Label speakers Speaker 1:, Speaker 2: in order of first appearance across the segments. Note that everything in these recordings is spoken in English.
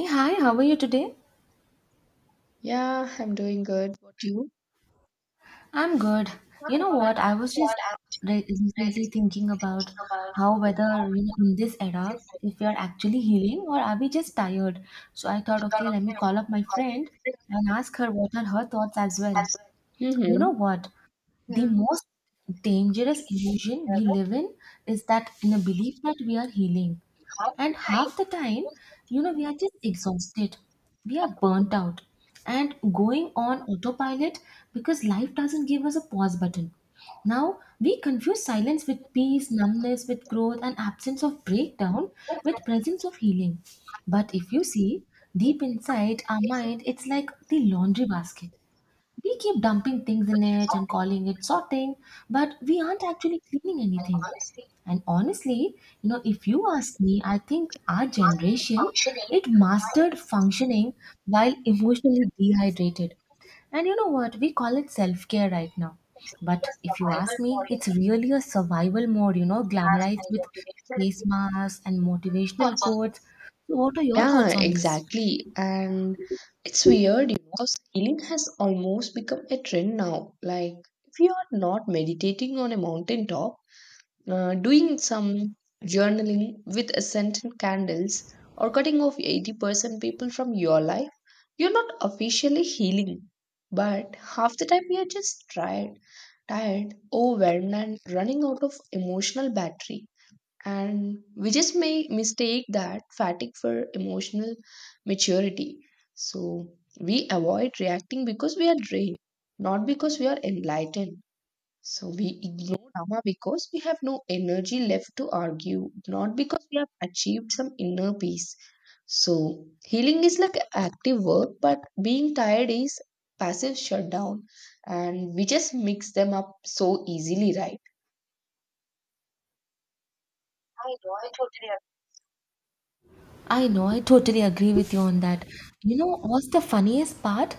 Speaker 1: Hey, hi, how are you today?
Speaker 2: Yeah, I'm doing good. What you?
Speaker 1: I'm good. You know what? I was just recently thinking about how whether in this era, if we are actually healing or are we just tired? So I thought, okay, let me call up my friend and ask her what are her thoughts as well. You know what? The most dangerous illusion we live in is that in a belief that we are healing. And half the time, we are just exhausted, we are burnt out, and going on autopilot because life doesn't give us a pause button. Now, we confuse silence with peace, numbness with growth, and absence of breakdown with presence of healing. But if you see deep inside our mind, it's like the laundry basket. We keep dumping things in it and calling it sorting, but we aren't actually cleaning anything. And honestly, if you ask me, I think our generation it mastered functioning while emotionally dehydrated. And you know what? We call it self-care right now. But if you ask me, it's really a survival mode, glamorized with face masks and motivational quotes. So what are your
Speaker 2: Yeah,
Speaker 1: thoughts on this?
Speaker 2: exactly. And it's weird, you know, because healing has almost become a trend now. Like, if you are not meditating on a mountaintop, doing some journaling with scented candles, or cutting off 80% people from your life, you're not officially healing. But half the time, you're just tired, overwhelmed, and running out of emotional battery. And we just may mistake that fatigue for emotional maturity. So we avoid reacting because we are drained, not because we are enlightened. So we ignore drama because we have no energy left to argue, not because we have achieved some inner peace. So healing is like active work, but being tired is passive shutdown, and we just mix them up so easily, right? I know, I totally
Speaker 1: I know, I totally agree with you on that. You know, what's the funniest part?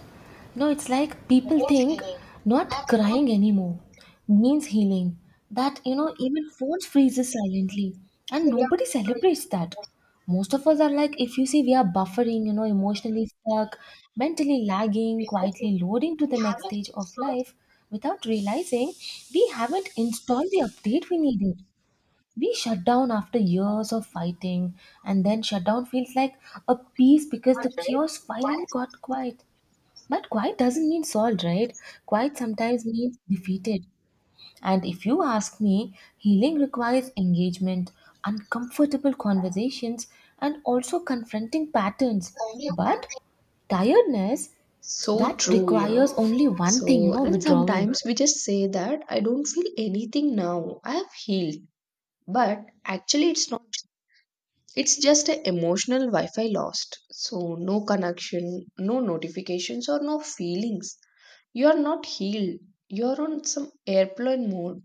Speaker 1: It's like people think not crying anymore means healing. That, even phones freezes silently and nobody celebrates that. Most of us are like, if you see, we are buffering, emotionally stuck, mentally lagging, quietly loading to the next stage of life without realizing we haven't installed the update we needed. We shut down after years of fighting, and then shutdown feels like a peace because the chaos finally got quiet. But quiet doesn't mean solved, right? Quiet sometimes means defeated. And if you ask me, healing requires engagement, uncomfortable conversations, and also confronting patterns. But tiredness,
Speaker 2: So
Speaker 1: that
Speaker 2: true, you
Speaker 1: requires
Speaker 2: know.
Speaker 1: only one thing,
Speaker 2: So, and
Speaker 1: withdrawal.
Speaker 2: sometimes we just say that I don't feel anything now. I have healed. But actually, it's not. It's just an emotional Wi Fi lost. So, no connection, no notifications, or no feelings. You are not healed. You are on some airplane mode.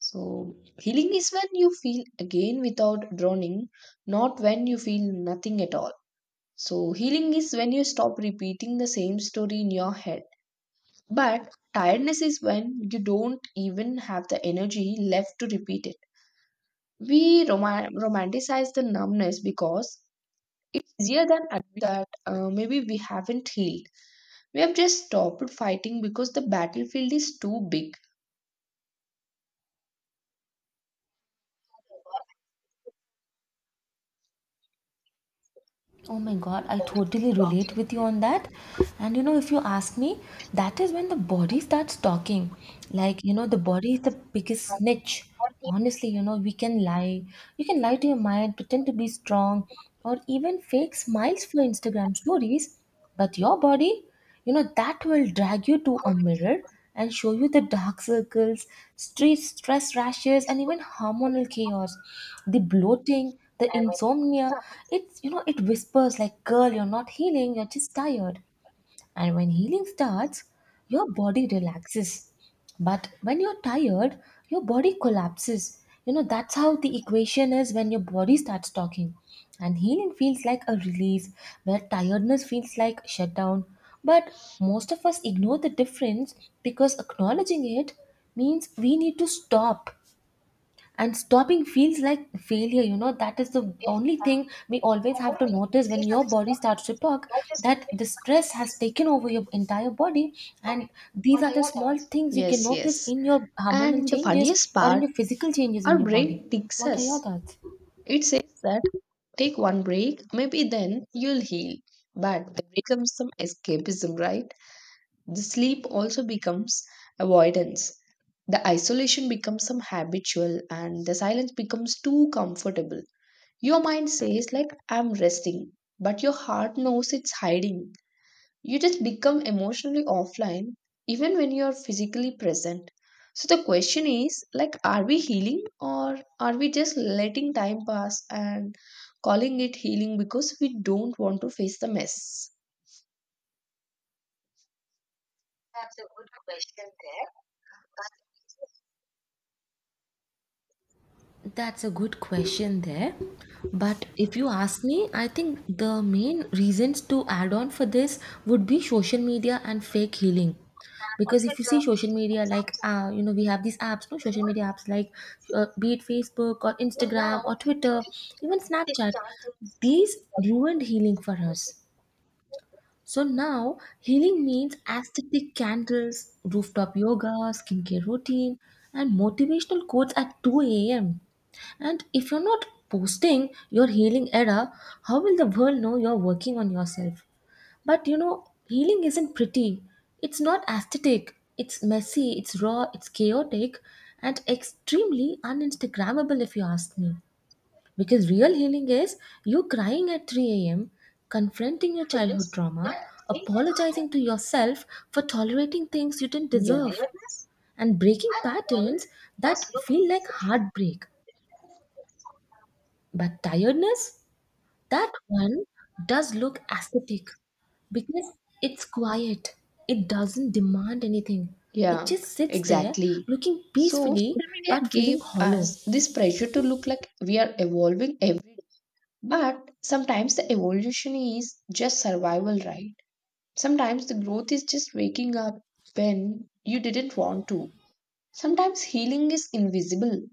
Speaker 2: So, healing is when you feel again without drowning, not when you feel nothing at all. So, healing is when you stop repeating the same story in your head. But tiredness is when you don't even have the energy left to repeat it. We romanticize the numbness because it's easier than admit that maybe we haven't healed. We have just stopped fighting because the battlefield is too big.
Speaker 1: Oh my god, I totally relate with you on that. And you know, if you ask me, that is when the body starts talking. Like, the body is the biggest snitch. Honestly, we can lie. You can lie to your mind, pretend to be strong, or even fake smiles for Instagram stories. But your body, that will drag you to a mirror and show you the dark circles, stress rashes, and even hormonal chaos, the bloating, the insomnia. It's, it whispers like, girl, you're not healing, you're just tired. And when healing starts, your body relaxes. But when you're tired, your body collapses. You know, that's how the equation is when your body starts talking. And healing feels like a release, where tiredness feels like shutdown. But most of us ignore the difference because acknowledging it means we need to stop, and stopping feels like failure. You know, that is the only thing we always have to notice when your body starts to talk, that the stress has taken over your entire body. And these are the small things you can
Speaker 2: Yes,
Speaker 1: notice
Speaker 2: yes.
Speaker 1: in your hormonal
Speaker 2: And the
Speaker 1: changes
Speaker 2: funniest
Speaker 1: or in
Speaker 2: part,
Speaker 1: your physical changes
Speaker 2: our
Speaker 1: in your body.
Speaker 2: brain ticks
Speaker 1: What are your
Speaker 2: us.
Speaker 1: thoughts?
Speaker 2: It says that take one break, maybe then you'll heal. But there becomes some escapism, right? The sleep also becomes avoidance. The isolation becomes some habitual and the silence becomes too comfortable. Your mind says like I'm resting, but your heart knows it's hiding. You just become emotionally offline even when you're physically present. So the question is, like, are we healing or are we just letting time pass and calling it healing because we don't want to face the mess?
Speaker 1: That's a good question there. But if you ask me, I think the main reasons to add on for this would be social media and fake healing. Because if you see social media, like, we have these apps, no social media apps like be it Facebook or Instagram or Twitter, even Snapchat, these ruined healing for us. So now healing means aesthetic candles, rooftop yoga, skincare routine, and motivational quotes at 2 a.m. And if you're not posting your healing era, how will the world know you're working on yourself? But you know, healing isn't pretty. It's not aesthetic. It's messy, it's raw, it's chaotic, and extremely uninstagrammable if you ask me. Because real healing is you crying at 3 a.m., confronting your childhood trauma, apologizing to yourself for tolerating things you didn't
Speaker 2: Yeah.
Speaker 1: deserve, and breaking patterns that feel like heartbreak. But tiredness, that one does look aesthetic because it's quiet. It doesn't demand anything. It
Speaker 2: Yeah,
Speaker 1: just sits there
Speaker 2: exactly.
Speaker 1: looking
Speaker 2: So,
Speaker 1: peacefully
Speaker 2: social media
Speaker 1: but
Speaker 2: gave
Speaker 1: feeling hollow.
Speaker 2: us this pressure to look like we are evolving every day. But sometimes the evolution is just survival, right? Sometimes the growth is just waking up when you didn't want to. Sometimes healing is invisible,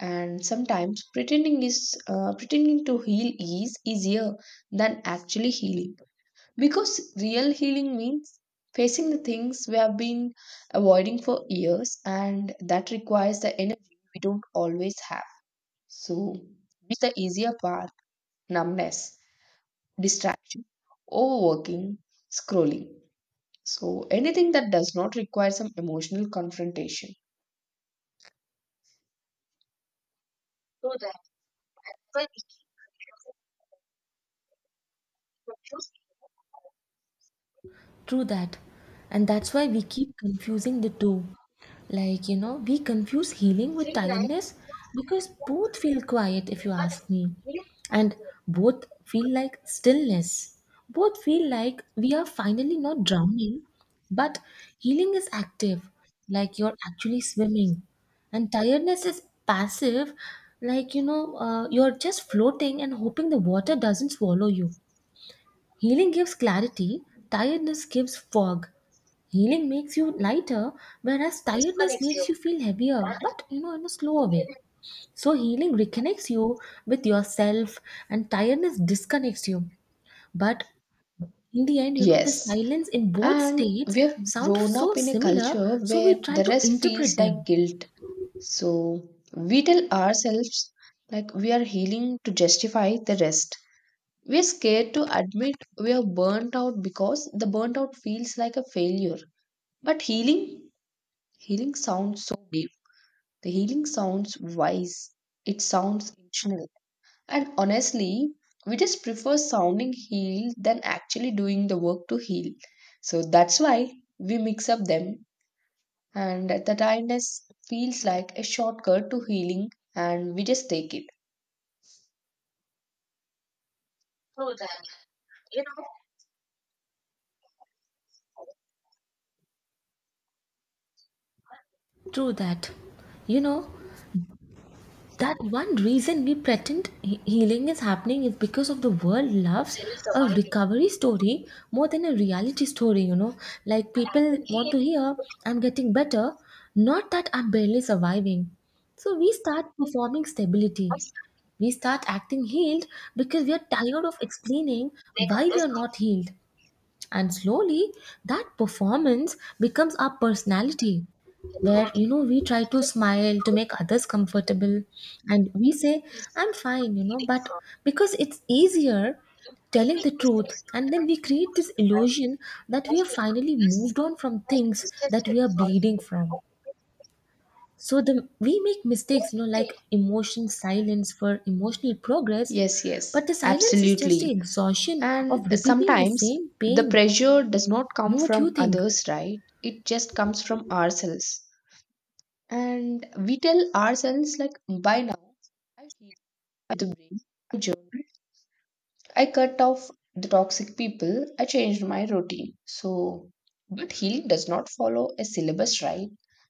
Speaker 2: and sometimes pretending is pretending to heal is easier than actually healing. Because real healing means facing the things we have been avoiding for years, and that requires the energy we don't always have. So, it's the easier path: numbness, distraction, overworking, scrolling. So, anything that does not require some emotional confrontation.
Speaker 1: True that. And that's why we keep confusing the two. Like, we confuse healing with tiredness because both feel quiet, if you ask me, and both feel like stillness. Both feel like we are finally not drowning, but healing is active, like you're actually swimming, and tiredness is passive, like, you're just floating and hoping the water doesn't swallow you. Healing gives clarity, tiredness gives fog. Healing makes you lighter, whereas tiredness makes you feel heavier, but in a slower way. So, healing reconnects you with yourself, and tiredness disconnects you. But in the end, the
Speaker 2: Yes.
Speaker 1: silence in both
Speaker 2: And
Speaker 1: states
Speaker 2: we have
Speaker 1: sound
Speaker 2: grown
Speaker 1: so
Speaker 2: up in a
Speaker 1: similar,
Speaker 2: culture
Speaker 1: so we
Speaker 2: where
Speaker 1: try
Speaker 2: the
Speaker 1: to
Speaker 2: rest
Speaker 1: interpret
Speaker 2: feels like
Speaker 1: them
Speaker 2: guilt. So we tell ourselves like we are healing to justify the rest. We're scared to admit we are burnt out because the burnt out feels like a failure. But healing sounds so deep. The healing sounds wise. It sounds intentional. And honestly, we just prefer sounding healed than actually doing the work to heal. So that's why we mix up them, and the tiredness feels like a shortcut to healing, and we just take it.
Speaker 1: through that. You know, that one reason we pretend healing is happening is because of the world loves a recovery story more than a reality story, like people want to hear I'm getting better, not that I'm barely surviving. So we start performing stability, we start acting healed because we are tired of explaining why we are not healed. And slowly, that performance becomes our personality where we try to smile to make others comfortable and we say I'm fine, but because it's easier telling the truth. And then we create this illusion that we have finally moved on from things that we are bleeding from. So the we make mistakes, like emotion silence for emotional progress.
Speaker 2: Yes,
Speaker 1: But
Speaker 2: yes,
Speaker 1: the silence is just the
Speaker 2: absolutely.
Speaker 1: exhaustion of
Speaker 2: And
Speaker 1: repeating the
Speaker 2: sometimes
Speaker 1: same
Speaker 2: the
Speaker 1: pain.
Speaker 2: pressure does not come
Speaker 1: Know what you
Speaker 2: from
Speaker 1: think?
Speaker 2: others, right? It just comes from ourselves. And we tell ourselves like by now I feel the brain. I cut off the toxic people. I changed my routine. So, but healing does not follow a syllabus, right?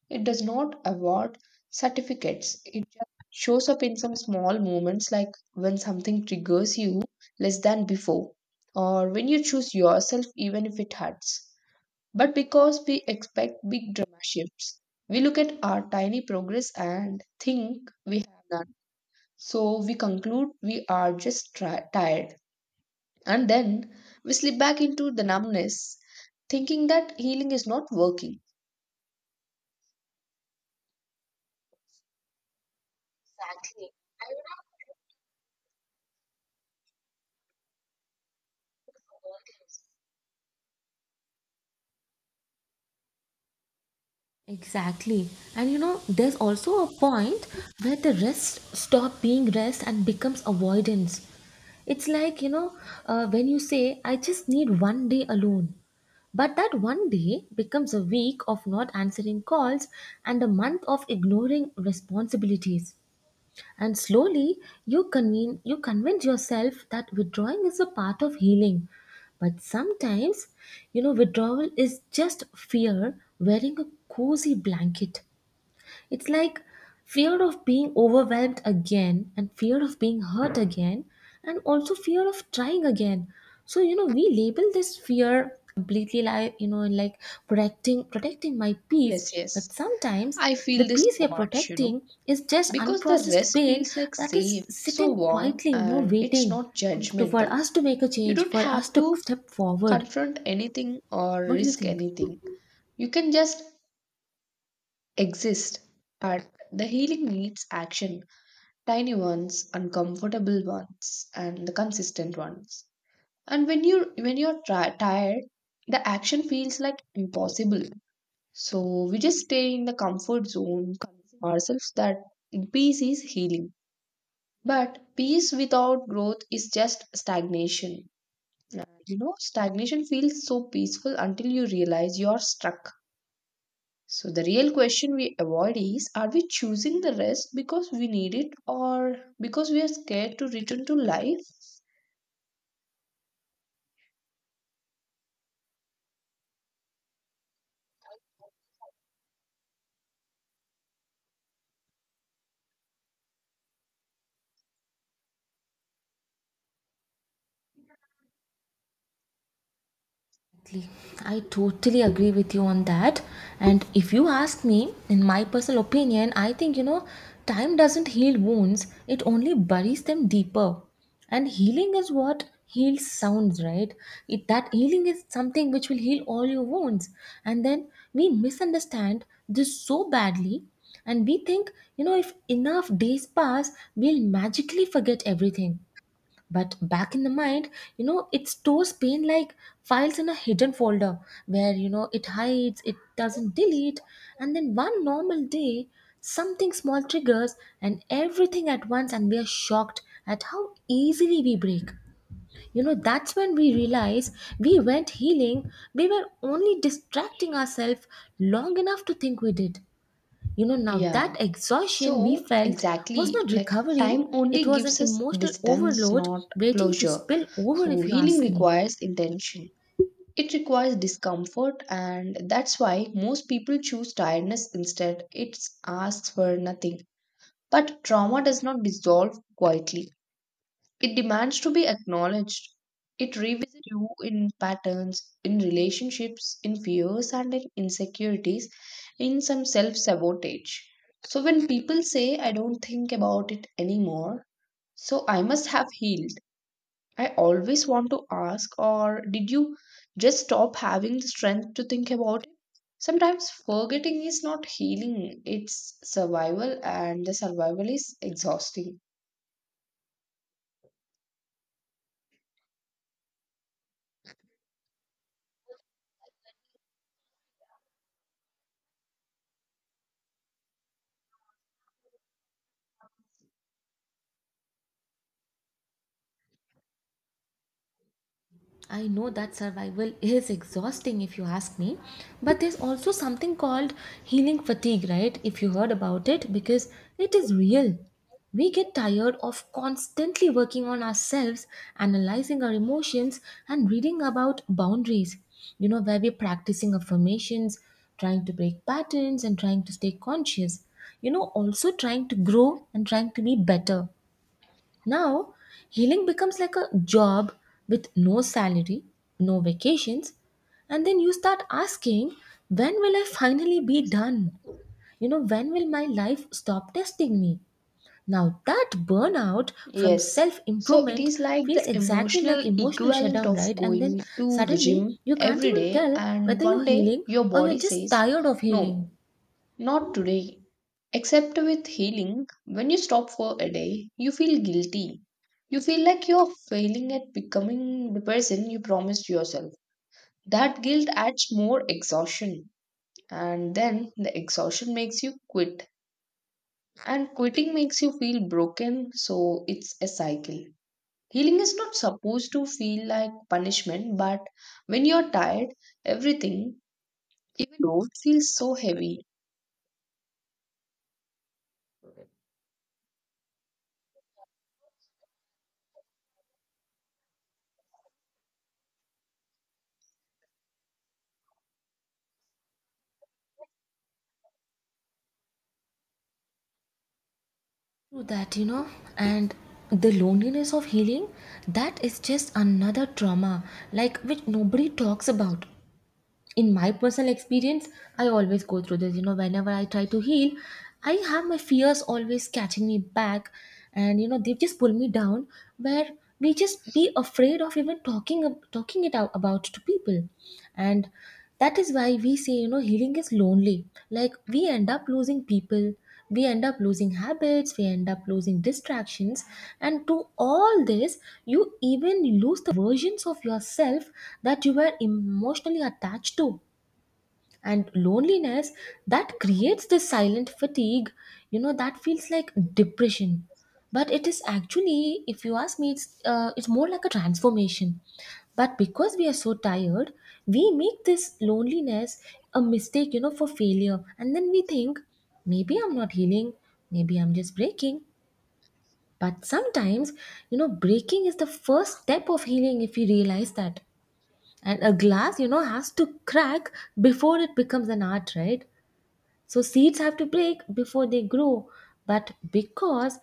Speaker 2: It does not award certificates. It just shows up in some small moments, like when something triggers you less than before, or when you choose yourself, even if it hurts. But because we expect big drama shifts, we look at our tiny progress and think we have none. So, we conclude we are just tired, and then we slip back into the numbness, thinking that healing is not working.
Speaker 1: Exactly. And you know, there's also a point where the rest stop being rest and becomes avoidance. It's like, when you say I just need one day alone, but that one day becomes a week of not answering calls and a month of ignoring responsibilities. And slowly, you convince yourself that withdrawing is a part of healing. But sometimes, you know, withdrawal is just fear wearing a cozy blanket. It's like fear of being overwhelmed again, and fear of being hurt again, and also fear of trying again. So you know, we label this fear completely, like protecting my
Speaker 2: Yes,
Speaker 1: peace. But
Speaker 2: yes.
Speaker 1: sometimes
Speaker 2: I
Speaker 1: the
Speaker 2: feel this
Speaker 1: peace
Speaker 2: so
Speaker 1: we are
Speaker 2: much, you know,
Speaker 1: protecting is just
Speaker 2: because the
Speaker 1: unprocessed
Speaker 2: rest
Speaker 1: pain
Speaker 2: feels like
Speaker 1: that
Speaker 2: safe,
Speaker 1: is
Speaker 2: so
Speaker 1: sitting
Speaker 2: warm,
Speaker 1: quietly,
Speaker 2: and it's
Speaker 1: waiting
Speaker 2: not
Speaker 1: to for
Speaker 2: judgmental.
Speaker 1: us to make a
Speaker 2: You
Speaker 1: change,
Speaker 2: don't
Speaker 1: for us
Speaker 2: have
Speaker 1: to
Speaker 2: to
Speaker 1: step forward.
Speaker 2: confront anything or
Speaker 1: What do you
Speaker 2: risk
Speaker 1: think?
Speaker 2: anything. You can just exist. But the healing needs action: tiny ones, uncomfortable ones, and the consistent ones. And when you're tired, the action feels like impossible. So we just stay in the comfort zone, convince ourselves that peace is healing, but peace without growth is just stagnation. And, you know, stagnation feels so peaceful until you realize you're stuck. So the real question we avoid is, are we choosing the rest because we need it or because we are scared to return to life?
Speaker 1: Exactly. I totally agree with you on that. And if you ask me, in my personal opinion, I think, time doesn't heal wounds, it only buries them deeper. And healing is what heals sounds, right? It, that healing is something which will heal all your wounds. And then we misunderstand this so badly. And we think, if enough days pass, we'll magically forget everything. But back in the mind, it stores pain like files in a hidden folder where, it hides, it doesn't delete. And then one normal day, something small triggers and everything at once, and we are shocked at how easily we break. You know, that's when we realize we weren't healing, we were only distracting ourselves long enough to think we did. You know, now that
Speaker 2: Yeah.
Speaker 1: exhaustion we
Speaker 2: So,
Speaker 1: felt was
Speaker 2: exactly,
Speaker 1: not
Speaker 2: like
Speaker 1: recovery,
Speaker 2: time
Speaker 1: it
Speaker 2: only
Speaker 1: was an
Speaker 2: gives us
Speaker 1: emotional
Speaker 2: distance,
Speaker 1: overload
Speaker 2: not
Speaker 1: waiting to
Speaker 2: closure.
Speaker 1: spill over,
Speaker 2: So,
Speaker 1: if you
Speaker 2: healing
Speaker 1: ask me.
Speaker 2: requires intention. It requires discomfort, and that's why most people choose tiredness instead. It asks for nothing. But trauma does not dissolve quietly. It demands to be acknowledged. It revisits you in patterns, in relationships, in fears, and in insecurities, in some self sabotage. So when people say, I don't think about it anymore, so I must have healed, I always want to ask, or did you just stop having the strength to think about it? Sometimes forgetting is not healing, it's survival, and the survival is exhausting.
Speaker 1: I know that survival is exhausting if you ask me, but there's also something called healing fatigue, right? If you heard about it, because it is real. We get tired of constantly working on ourselves, analyzing our emotions, and reading about boundaries, where we're practicing affirmations, trying to break patterns, and trying to stay conscious, also trying to grow and trying to be better. Now, healing becomes like a job with no salary, no vacations, and then you start asking, when will I finally be done? You know, when will my life stop testing me? Now, that burnout from
Speaker 2: Yes.
Speaker 1: self
Speaker 2: So it
Speaker 1: improvement
Speaker 2: is like
Speaker 1: feels
Speaker 2: the
Speaker 1: exactly
Speaker 2: emotional
Speaker 1: like emotional
Speaker 2: equivalent
Speaker 1: shutdown,
Speaker 2: of
Speaker 1: right? And then
Speaker 2: going to the
Speaker 1: suddenly
Speaker 2: gym
Speaker 1: you can't
Speaker 2: every
Speaker 1: even
Speaker 2: day,
Speaker 1: tell
Speaker 2: and
Speaker 1: whether you're
Speaker 2: one day
Speaker 1: healing
Speaker 2: your
Speaker 1: or you're
Speaker 2: body
Speaker 1: just
Speaker 2: says,
Speaker 1: tired of healing.
Speaker 2: No, not today. Except with healing, when you stop for a day, you feel guilty. You feel like you're failing at becoming the person you promised yourself. That guilt adds more exhaustion, and then the exhaustion makes you quit, and quitting makes you feel broken, so it's a cycle. Healing is not supposed to feel like punishment, but when you're tired, everything, even road, feels so heavy.
Speaker 1: True that, you know, and the loneliness of healing, that is just another trauma, like which nobody talks about. In my personal experience, I always go through this, whenever I try to heal, I have my fears always catching me back, and they just pull me down where we just be afraid of even talking talking it out about to people. And that is why we say, healing is lonely. Like we end up losing people, we end up losing habits, we end up losing distractions, and to all this you even lose the versions of yourself that you were emotionally attached to, and loneliness, that creates this silent fatigue, you know, that feels like depression, but it is actually, if you ask me, it's more like a transformation. But because we are so tired, we make this loneliness a mistake, you know, for failure, and then we think maybe I'm not healing, maybe I'm just breaking. But sometimes, you know, breaking is the first step of healing, if we realize that. And a glass, you know, has to crack before it becomes an art, right? So seeds have to break before they grow, but because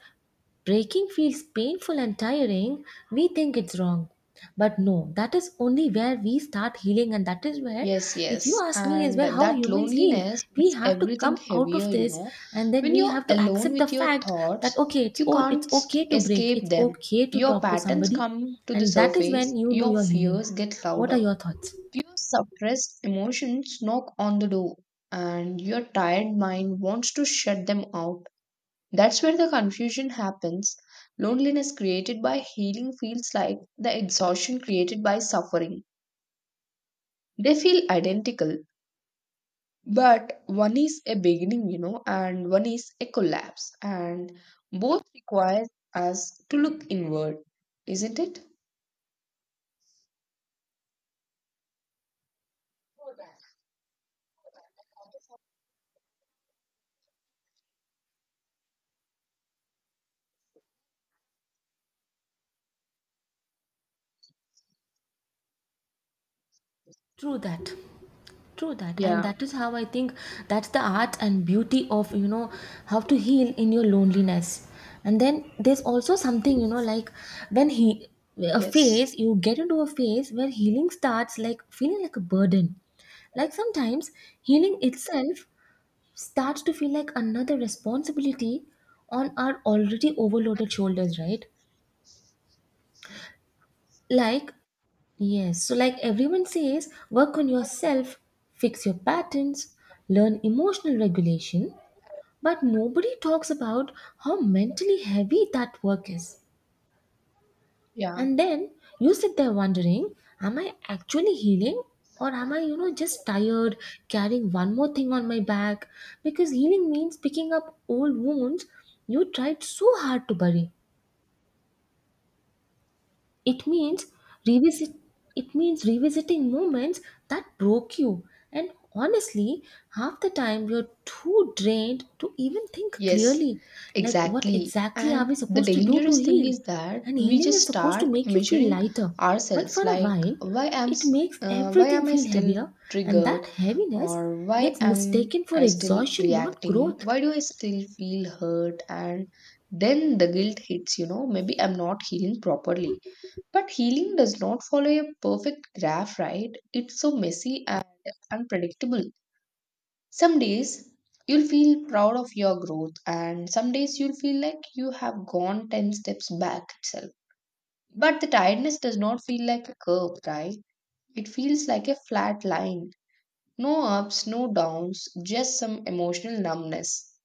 Speaker 1: breaking feels painful and tiring, we think it's wrong. But no, that is only where we start healing, and that is where,
Speaker 2: Yes,
Speaker 1: if you
Speaker 2: yes.
Speaker 1: ask me, is
Speaker 2: And
Speaker 1: where how
Speaker 2: that
Speaker 1: humans heal.
Speaker 2: loneliness
Speaker 1: We
Speaker 2: makes
Speaker 1: have to
Speaker 2: everything
Speaker 1: come out
Speaker 2: heavier,
Speaker 1: of
Speaker 2: you
Speaker 1: this,
Speaker 2: know.
Speaker 1: and then
Speaker 2: When
Speaker 1: we
Speaker 2: you're
Speaker 1: have to
Speaker 2: alone
Speaker 1: accept the
Speaker 2: with your
Speaker 1: fact that
Speaker 2: thoughts,
Speaker 1: okay, it's
Speaker 2: you
Speaker 1: oh, it's
Speaker 2: can't
Speaker 1: okay to break,
Speaker 2: escape
Speaker 1: it's
Speaker 2: them.
Speaker 1: okay to
Speaker 2: Your
Speaker 1: talk to
Speaker 2: patterns
Speaker 1: somebody,
Speaker 2: come to the
Speaker 1: and that is when
Speaker 2: surface,
Speaker 1: you know
Speaker 2: your
Speaker 1: you're healing.
Speaker 2: fears get
Speaker 1: What are
Speaker 2: louder.
Speaker 1: your thoughts?
Speaker 2: Your suppressed emotions knock on the door, and your tired mind wants to shut them out. That's where the confusion happens. Loneliness created by healing feels like the exhaustion created by suffering. They feel identical, but one is a beginning, you know, and one is a collapse, and both require us to look inward, isn't it?
Speaker 1: True that. True that, and
Speaker 2: Yeah,
Speaker 1: that is how I think that's the art and beauty of, you know, how to heal in your loneliness. And then there's also something, you know, like when he a
Speaker 2: yes,
Speaker 1: phase, you get into a phase where healing starts like feeling like a burden. Like sometimes healing itself starts to feel like another responsibility on our already overloaded shoulders, right? Like, yes, so like everyone says, work on yourself, fix your patterns, learn emotional regulation, but nobody talks about how mentally heavy that work is.
Speaker 2: yeah.
Speaker 1: And then you sit there wondering, am I actually healing, or am I, you know, just tired, carrying one more thing on my back? Because healing means picking up old wounds you tried so hard to bury. It means revisit it means revisiting moments that broke you. And honestly, half the time we're too drained to even think
Speaker 2: Yes,
Speaker 1: clearly. Like what
Speaker 2: exactly.
Speaker 1: exactly are we
Speaker 2: And the
Speaker 1: supposed to do to
Speaker 2: dangerous thing
Speaker 1: heal?
Speaker 2: is that
Speaker 1: And
Speaker 2: we
Speaker 1: healing
Speaker 2: just
Speaker 1: is supposed to
Speaker 2: start
Speaker 1: make you feel
Speaker 2: measuring
Speaker 1: lighter. But
Speaker 2: ourselves
Speaker 1: for a
Speaker 2: like
Speaker 1: while,
Speaker 2: why am
Speaker 1: it makes
Speaker 2: why
Speaker 1: everything
Speaker 2: am I
Speaker 1: feel
Speaker 2: still
Speaker 1: heavier, and that
Speaker 2: triggered
Speaker 1: heaviness
Speaker 2: or why
Speaker 1: gets
Speaker 2: am
Speaker 1: mistaken for
Speaker 2: I still
Speaker 1: exhaustion, not
Speaker 2: reacting?
Speaker 1: growth.
Speaker 2: Why do I still feel hurt? And then the guilt hits, you know, maybe I'm not healing properly. But healing does not follow a perfect graph, right? It's so messy and unpredictable. Some days you'll feel proud of your growth, and some days you'll feel like you have gone 10 steps back itself. But the tiredness does not feel like a curve, right? It feels like a flat line. No ups, no downs, just some emotional numbness.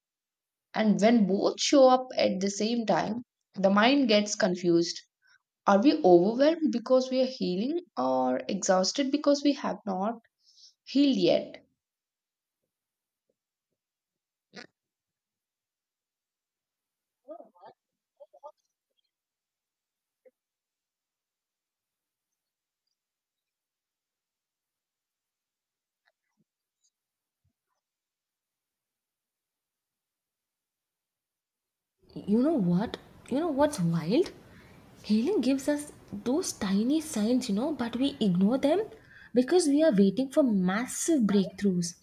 Speaker 2: And when both show up at the same time, the mind gets confused. Are we overwhelmed because we are healing or exhausted because we have not healed yet?
Speaker 1: You know what? You know what's wild? Healing gives us those tiny signs, you know, but we ignore them because we are waiting for massive breakthroughs.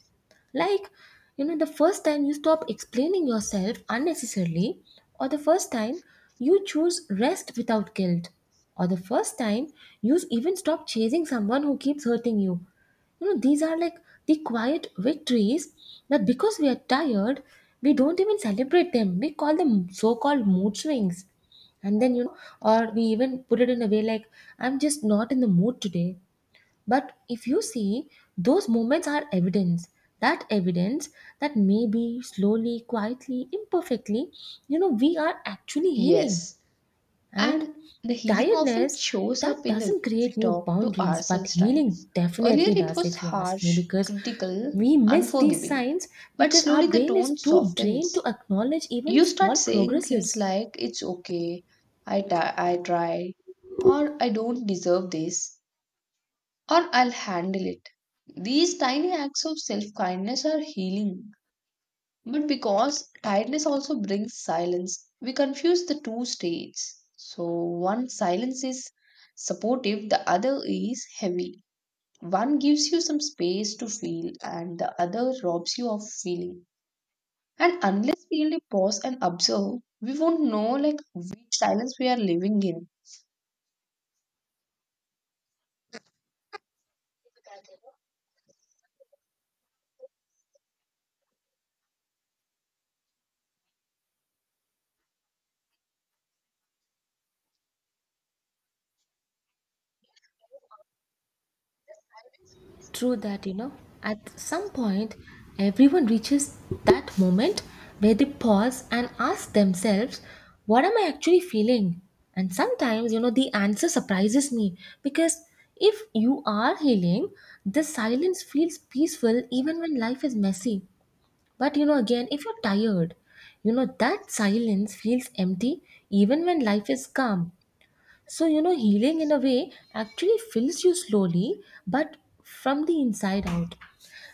Speaker 1: Like, you know, the first time you stop explaining yourself unnecessarily, or the first time you choose rest without guilt, or the first time you even stop chasing someone who keeps hurting you. You know, these are like the quiet victories that, because we are tired, we don't even celebrate them. We call them so called mood swings, and then, you know, or we even put it in a way like I'm just not in the mood today. But if you see, those moments are evidence that maybe slowly, quietly, imperfectly, you know, we are actually healing.
Speaker 2: Yes.
Speaker 1: And
Speaker 2: And the healing often
Speaker 1: tiredness,
Speaker 2: shows
Speaker 1: that
Speaker 2: up in the
Speaker 1: doesn't
Speaker 2: way we
Speaker 1: create new
Speaker 2: talk to
Speaker 1: boundaries, but
Speaker 2: ourselves, right?
Speaker 1: healing
Speaker 2: Earlier,
Speaker 1: definitely
Speaker 2: it
Speaker 1: does,
Speaker 2: was
Speaker 1: if you ask me,
Speaker 2: harsh,
Speaker 1: because
Speaker 2: critical,
Speaker 1: we miss these
Speaker 2: unforgiving.
Speaker 1: signs
Speaker 2: But
Speaker 1: because our
Speaker 2: slowly, the
Speaker 1: brain is
Speaker 2: tone
Speaker 1: too drained to
Speaker 2: softens.
Speaker 1: acknowledge even
Speaker 2: You start
Speaker 1: small
Speaker 2: saying things
Speaker 1: progresses.
Speaker 2: like, It's okay, I try, or I don't deserve this, or I'll handle it. These tiny acts of self kindness are healing, but because tiredness also brings silence, we confuse the two states. So, one silence is supportive, the other is heavy. One gives you some space to feel, and the other robs you of feeling. And unless we really pause and observe, we won't know like which silence we are living in.
Speaker 1: True that, you know, at some point, everyone reaches that moment where they pause and ask themselves, what am I actually feeling? And sometimes, you know, the answer surprises me, because if you are healing, the silence feels peaceful even when life is messy. But, you know, again, if you're tired, you know, that silence feels empty even when life is calm. So, you know, healing, in a way, actually fills you slowly, but from the inside out.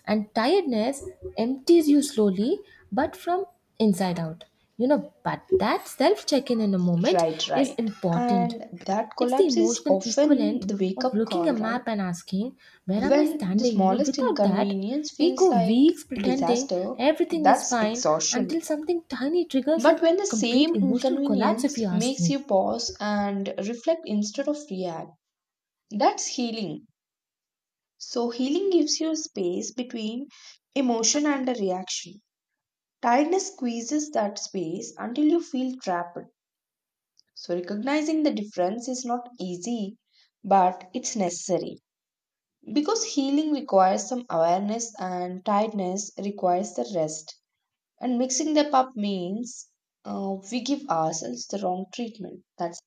Speaker 1: And tiredness empties you slowly, but from inside out. You know, but that self check in a moment
Speaker 2: Right,
Speaker 1: is
Speaker 2: right.
Speaker 1: important.
Speaker 2: And that
Speaker 1: It's the
Speaker 2: collapse is
Speaker 1: emotional
Speaker 2: often
Speaker 1: equivalent
Speaker 2: the wake
Speaker 1: of
Speaker 2: up
Speaker 1: looking a
Speaker 2: call, right?
Speaker 1: map and asking, where am I
Speaker 2: When the
Speaker 1: standing? You know,
Speaker 2: smallest
Speaker 1: without that,
Speaker 2: inconvenience
Speaker 1: we go
Speaker 2: feels like
Speaker 1: weeks
Speaker 2: a
Speaker 1: pretending
Speaker 2: disaster,
Speaker 1: everything is
Speaker 2: that's
Speaker 1: fine until
Speaker 2: exhaustion.
Speaker 1: something tiny triggers a
Speaker 2: But when the
Speaker 1: complete
Speaker 2: same
Speaker 1: emotional collapse, if
Speaker 2: inconvenience
Speaker 1: you ask
Speaker 2: makes
Speaker 1: me.
Speaker 2: you pause and reflect instead of react, that's healing. So, healing gives you space between emotion and a reaction. Tiredness squeezes that space until you feel trapped. So, recognizing the difference is not easy, but it's necessary. Because healing requires some awareness and tiredness requires the rest. And mixing them up means we give ourselves the wrong treatment. That's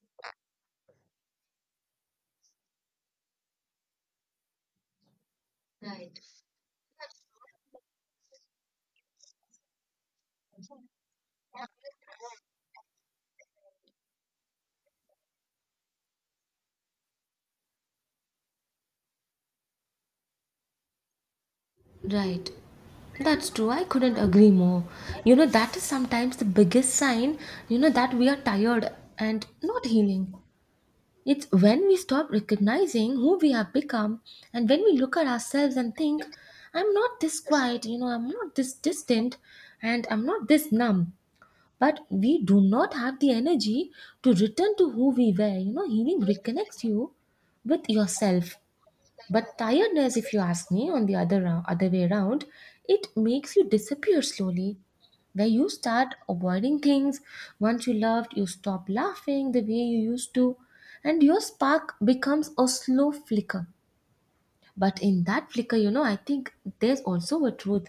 Speaker 1: Right. That's true. I couldn't agree more. You know, that is sometimes the biggest sign, you know, that we are tired and not healing. It's when we stop recognizing who we have become and when we look at ourselves and think, I'm not this quiet, you know, I'm not this distant, and I'm not this numb. But we do not have the energy to return to who we were. You know, healing reconnects you with yourself, but tiredness, if you ask me, on the other way around, it makes you disappear slowly. Where you start avoiding things once you loved, you stop laughing the way you used to, and your spark becomes a slow flicker. But in that flicker, you know, I think there's also a truth.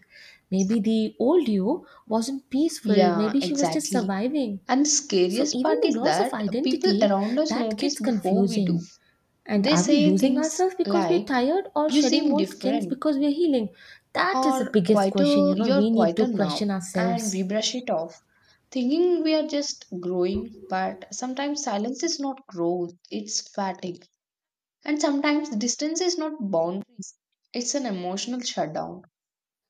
Speaker 1: Maybe the old you wasn't peaceful,
Speaker 2: yeah,
Speaker 1: maybe she was just
Speaker 2: exactly.
Speaker 1: surviving.
Speaker 2: And the
Speaker 1: So
Speaker 2: scariest
Speaker 1: even
Speaker 2: part
Speaker 1: the
Speaker 2: is
Speaker 1: loss of
Speaker 2: that people
Speaker 1: identity,
Speaker 2: around us
Speaker 1: that gets
Speaker 2: notice before we do.
Speaker 1: confusing, and
Speaker 2: They
Speaker 1: are we
Speaker 2: say
Speaker 1: losing
Speaker 2: things
Speaker 1: ourselves because we're
Speaker 2: like,
Speaker 1: tired, or
Speaker 2: You
Speaker 1: shedding
Speaker 2: seem
Speaker 1: old skins
Speaker 2: different,
Speaker 1: because we're healing? That is the
Speaker 2: or
Speaker 1: biggest question,
Speaker 2: quieter,
Speaker 1: you know.
Speaker 2: you're
Speaker 1: We need to
Speaker 2: quieter now.
Speaker 1: question
Speaker 2: And we
Speaker 1: ourselves.
Speaker 2: brush it off, thinking we are just growing, but sometimes silence is not growth, it's fatigue. And sometimes distance is not boundaries, it's an emotional shutdown.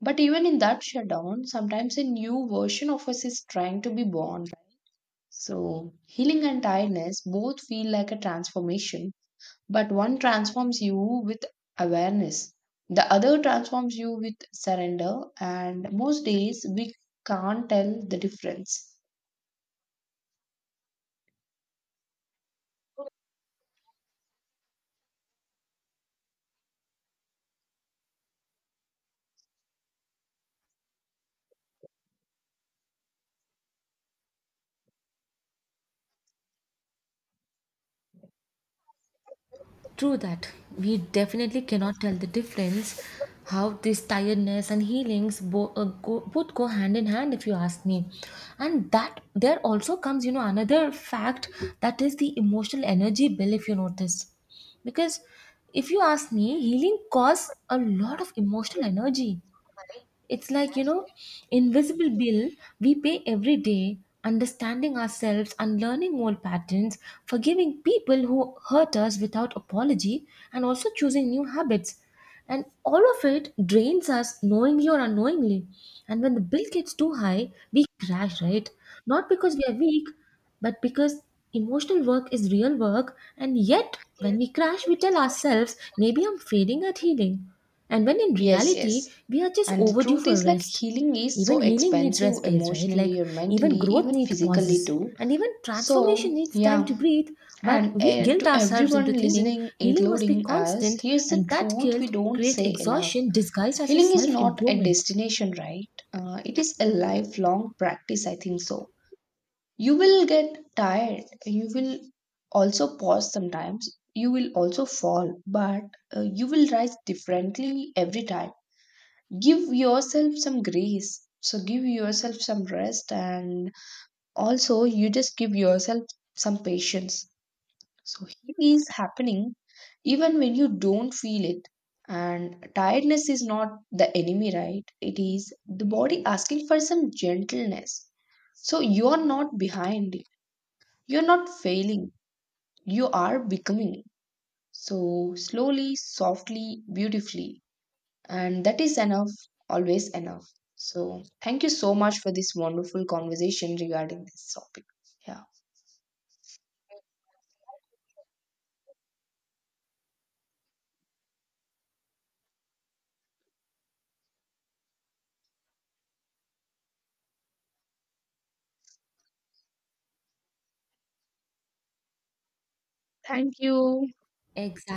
Speaker 2: But even in that shutdown, sometimes a new version of us is trying to be born. So, healing and tiredness both feel like a transformation, but one transforms you with awareness, the other transforms you with surrender, and most days we can't tell the difference.
Speaker 1: True that. We definitely cannot tell the difference how this tiredness and healings both go hand in hand, if you ask me, and that there also comes, you know, another fact, that is the emotional energy bill, if you notice. Because, if you ask me, healing costs a lot of emotional energy. It's like, you know, invisible bill we pay every day, understanding ourselves, unlearning old patterns, forgiving people who hurt us without apology, and also choosing new habits. And all of it drains us knowingly or unknowingly. And when the bill gets too high, we crash, right? Not because we are weak, but because emotional work is real work. And yet, when we crash, we tell ourselves, maybe I'm failing at healing. And when in
Speaker 2: Yes,
Speaker 1: reality,
Speaker 2: yes.
Speaker 1: we are just
Speaker 2: And the
Speaker 1: overdue
Speaker 2: truth
Speaker 1: for
Speaker 2: is, like,
Speaker 1: rest.
Speaker 2: healing is
Speaker 1: Even
Speaker 2: so
Speaker 1: healing needs
Speaker 2: expensive
Speaker 1: rest days, right? Like,
Speaker 2: emotionally or
Speaker 1: even
Speaker 2: mentally,
Speaker 1: growth
Speaker 2: even
Speaker 1: needs
Speaker 2: physically
Speaker 1: pauses.
Speaker 2: too.
Speaker 1: And even
Speaker 2: So,
Speaker 1: transformation needs time to
Speaker 2: yeah,
Speaker 1: breathe. But
Speaker 2: and
Speaker 1: we guilt
Speaker 2: to
Speaker 1: ourselves into
Speaker 2: everyone
Speaker 1: thinking
Speaker 2: listening,
Speaker 1: healing must be
Speaker 2: including us,
Speaker 1: constant,
Speaker 2: here's the
Speaker 1: and that
Speaker 2: truth we
Speaker 1: guilt
Speaker 2: don't
Speaker 1: creates
Speaker 2: say enough.
Speaker 1: exhaustion disguised as a
Speaker 2: Healing is
Speaker 1: self
Speaker 2: not a
Speaker 1: improvement.
Speaker 2: destination, right? It is a lifelong practice, I think so. You will get tired, you will also pause sometimes, you will also fall, but you will rise differently every time. Give yourself some grace. So, give yourself some rest, and also you just give yourself some patience. So heat is happening even when you don't feel it. And tiredness is not the enemy, right? It is the body asking for some gentleness. So you are not behind it. You're not failing. You are becoming. So slowly, softly, beautifully. And that is enough, always enough. So thank you so much for this wonderful conversation regarding this topic. Yeah. Thank you.
Speaker 1: Exactly.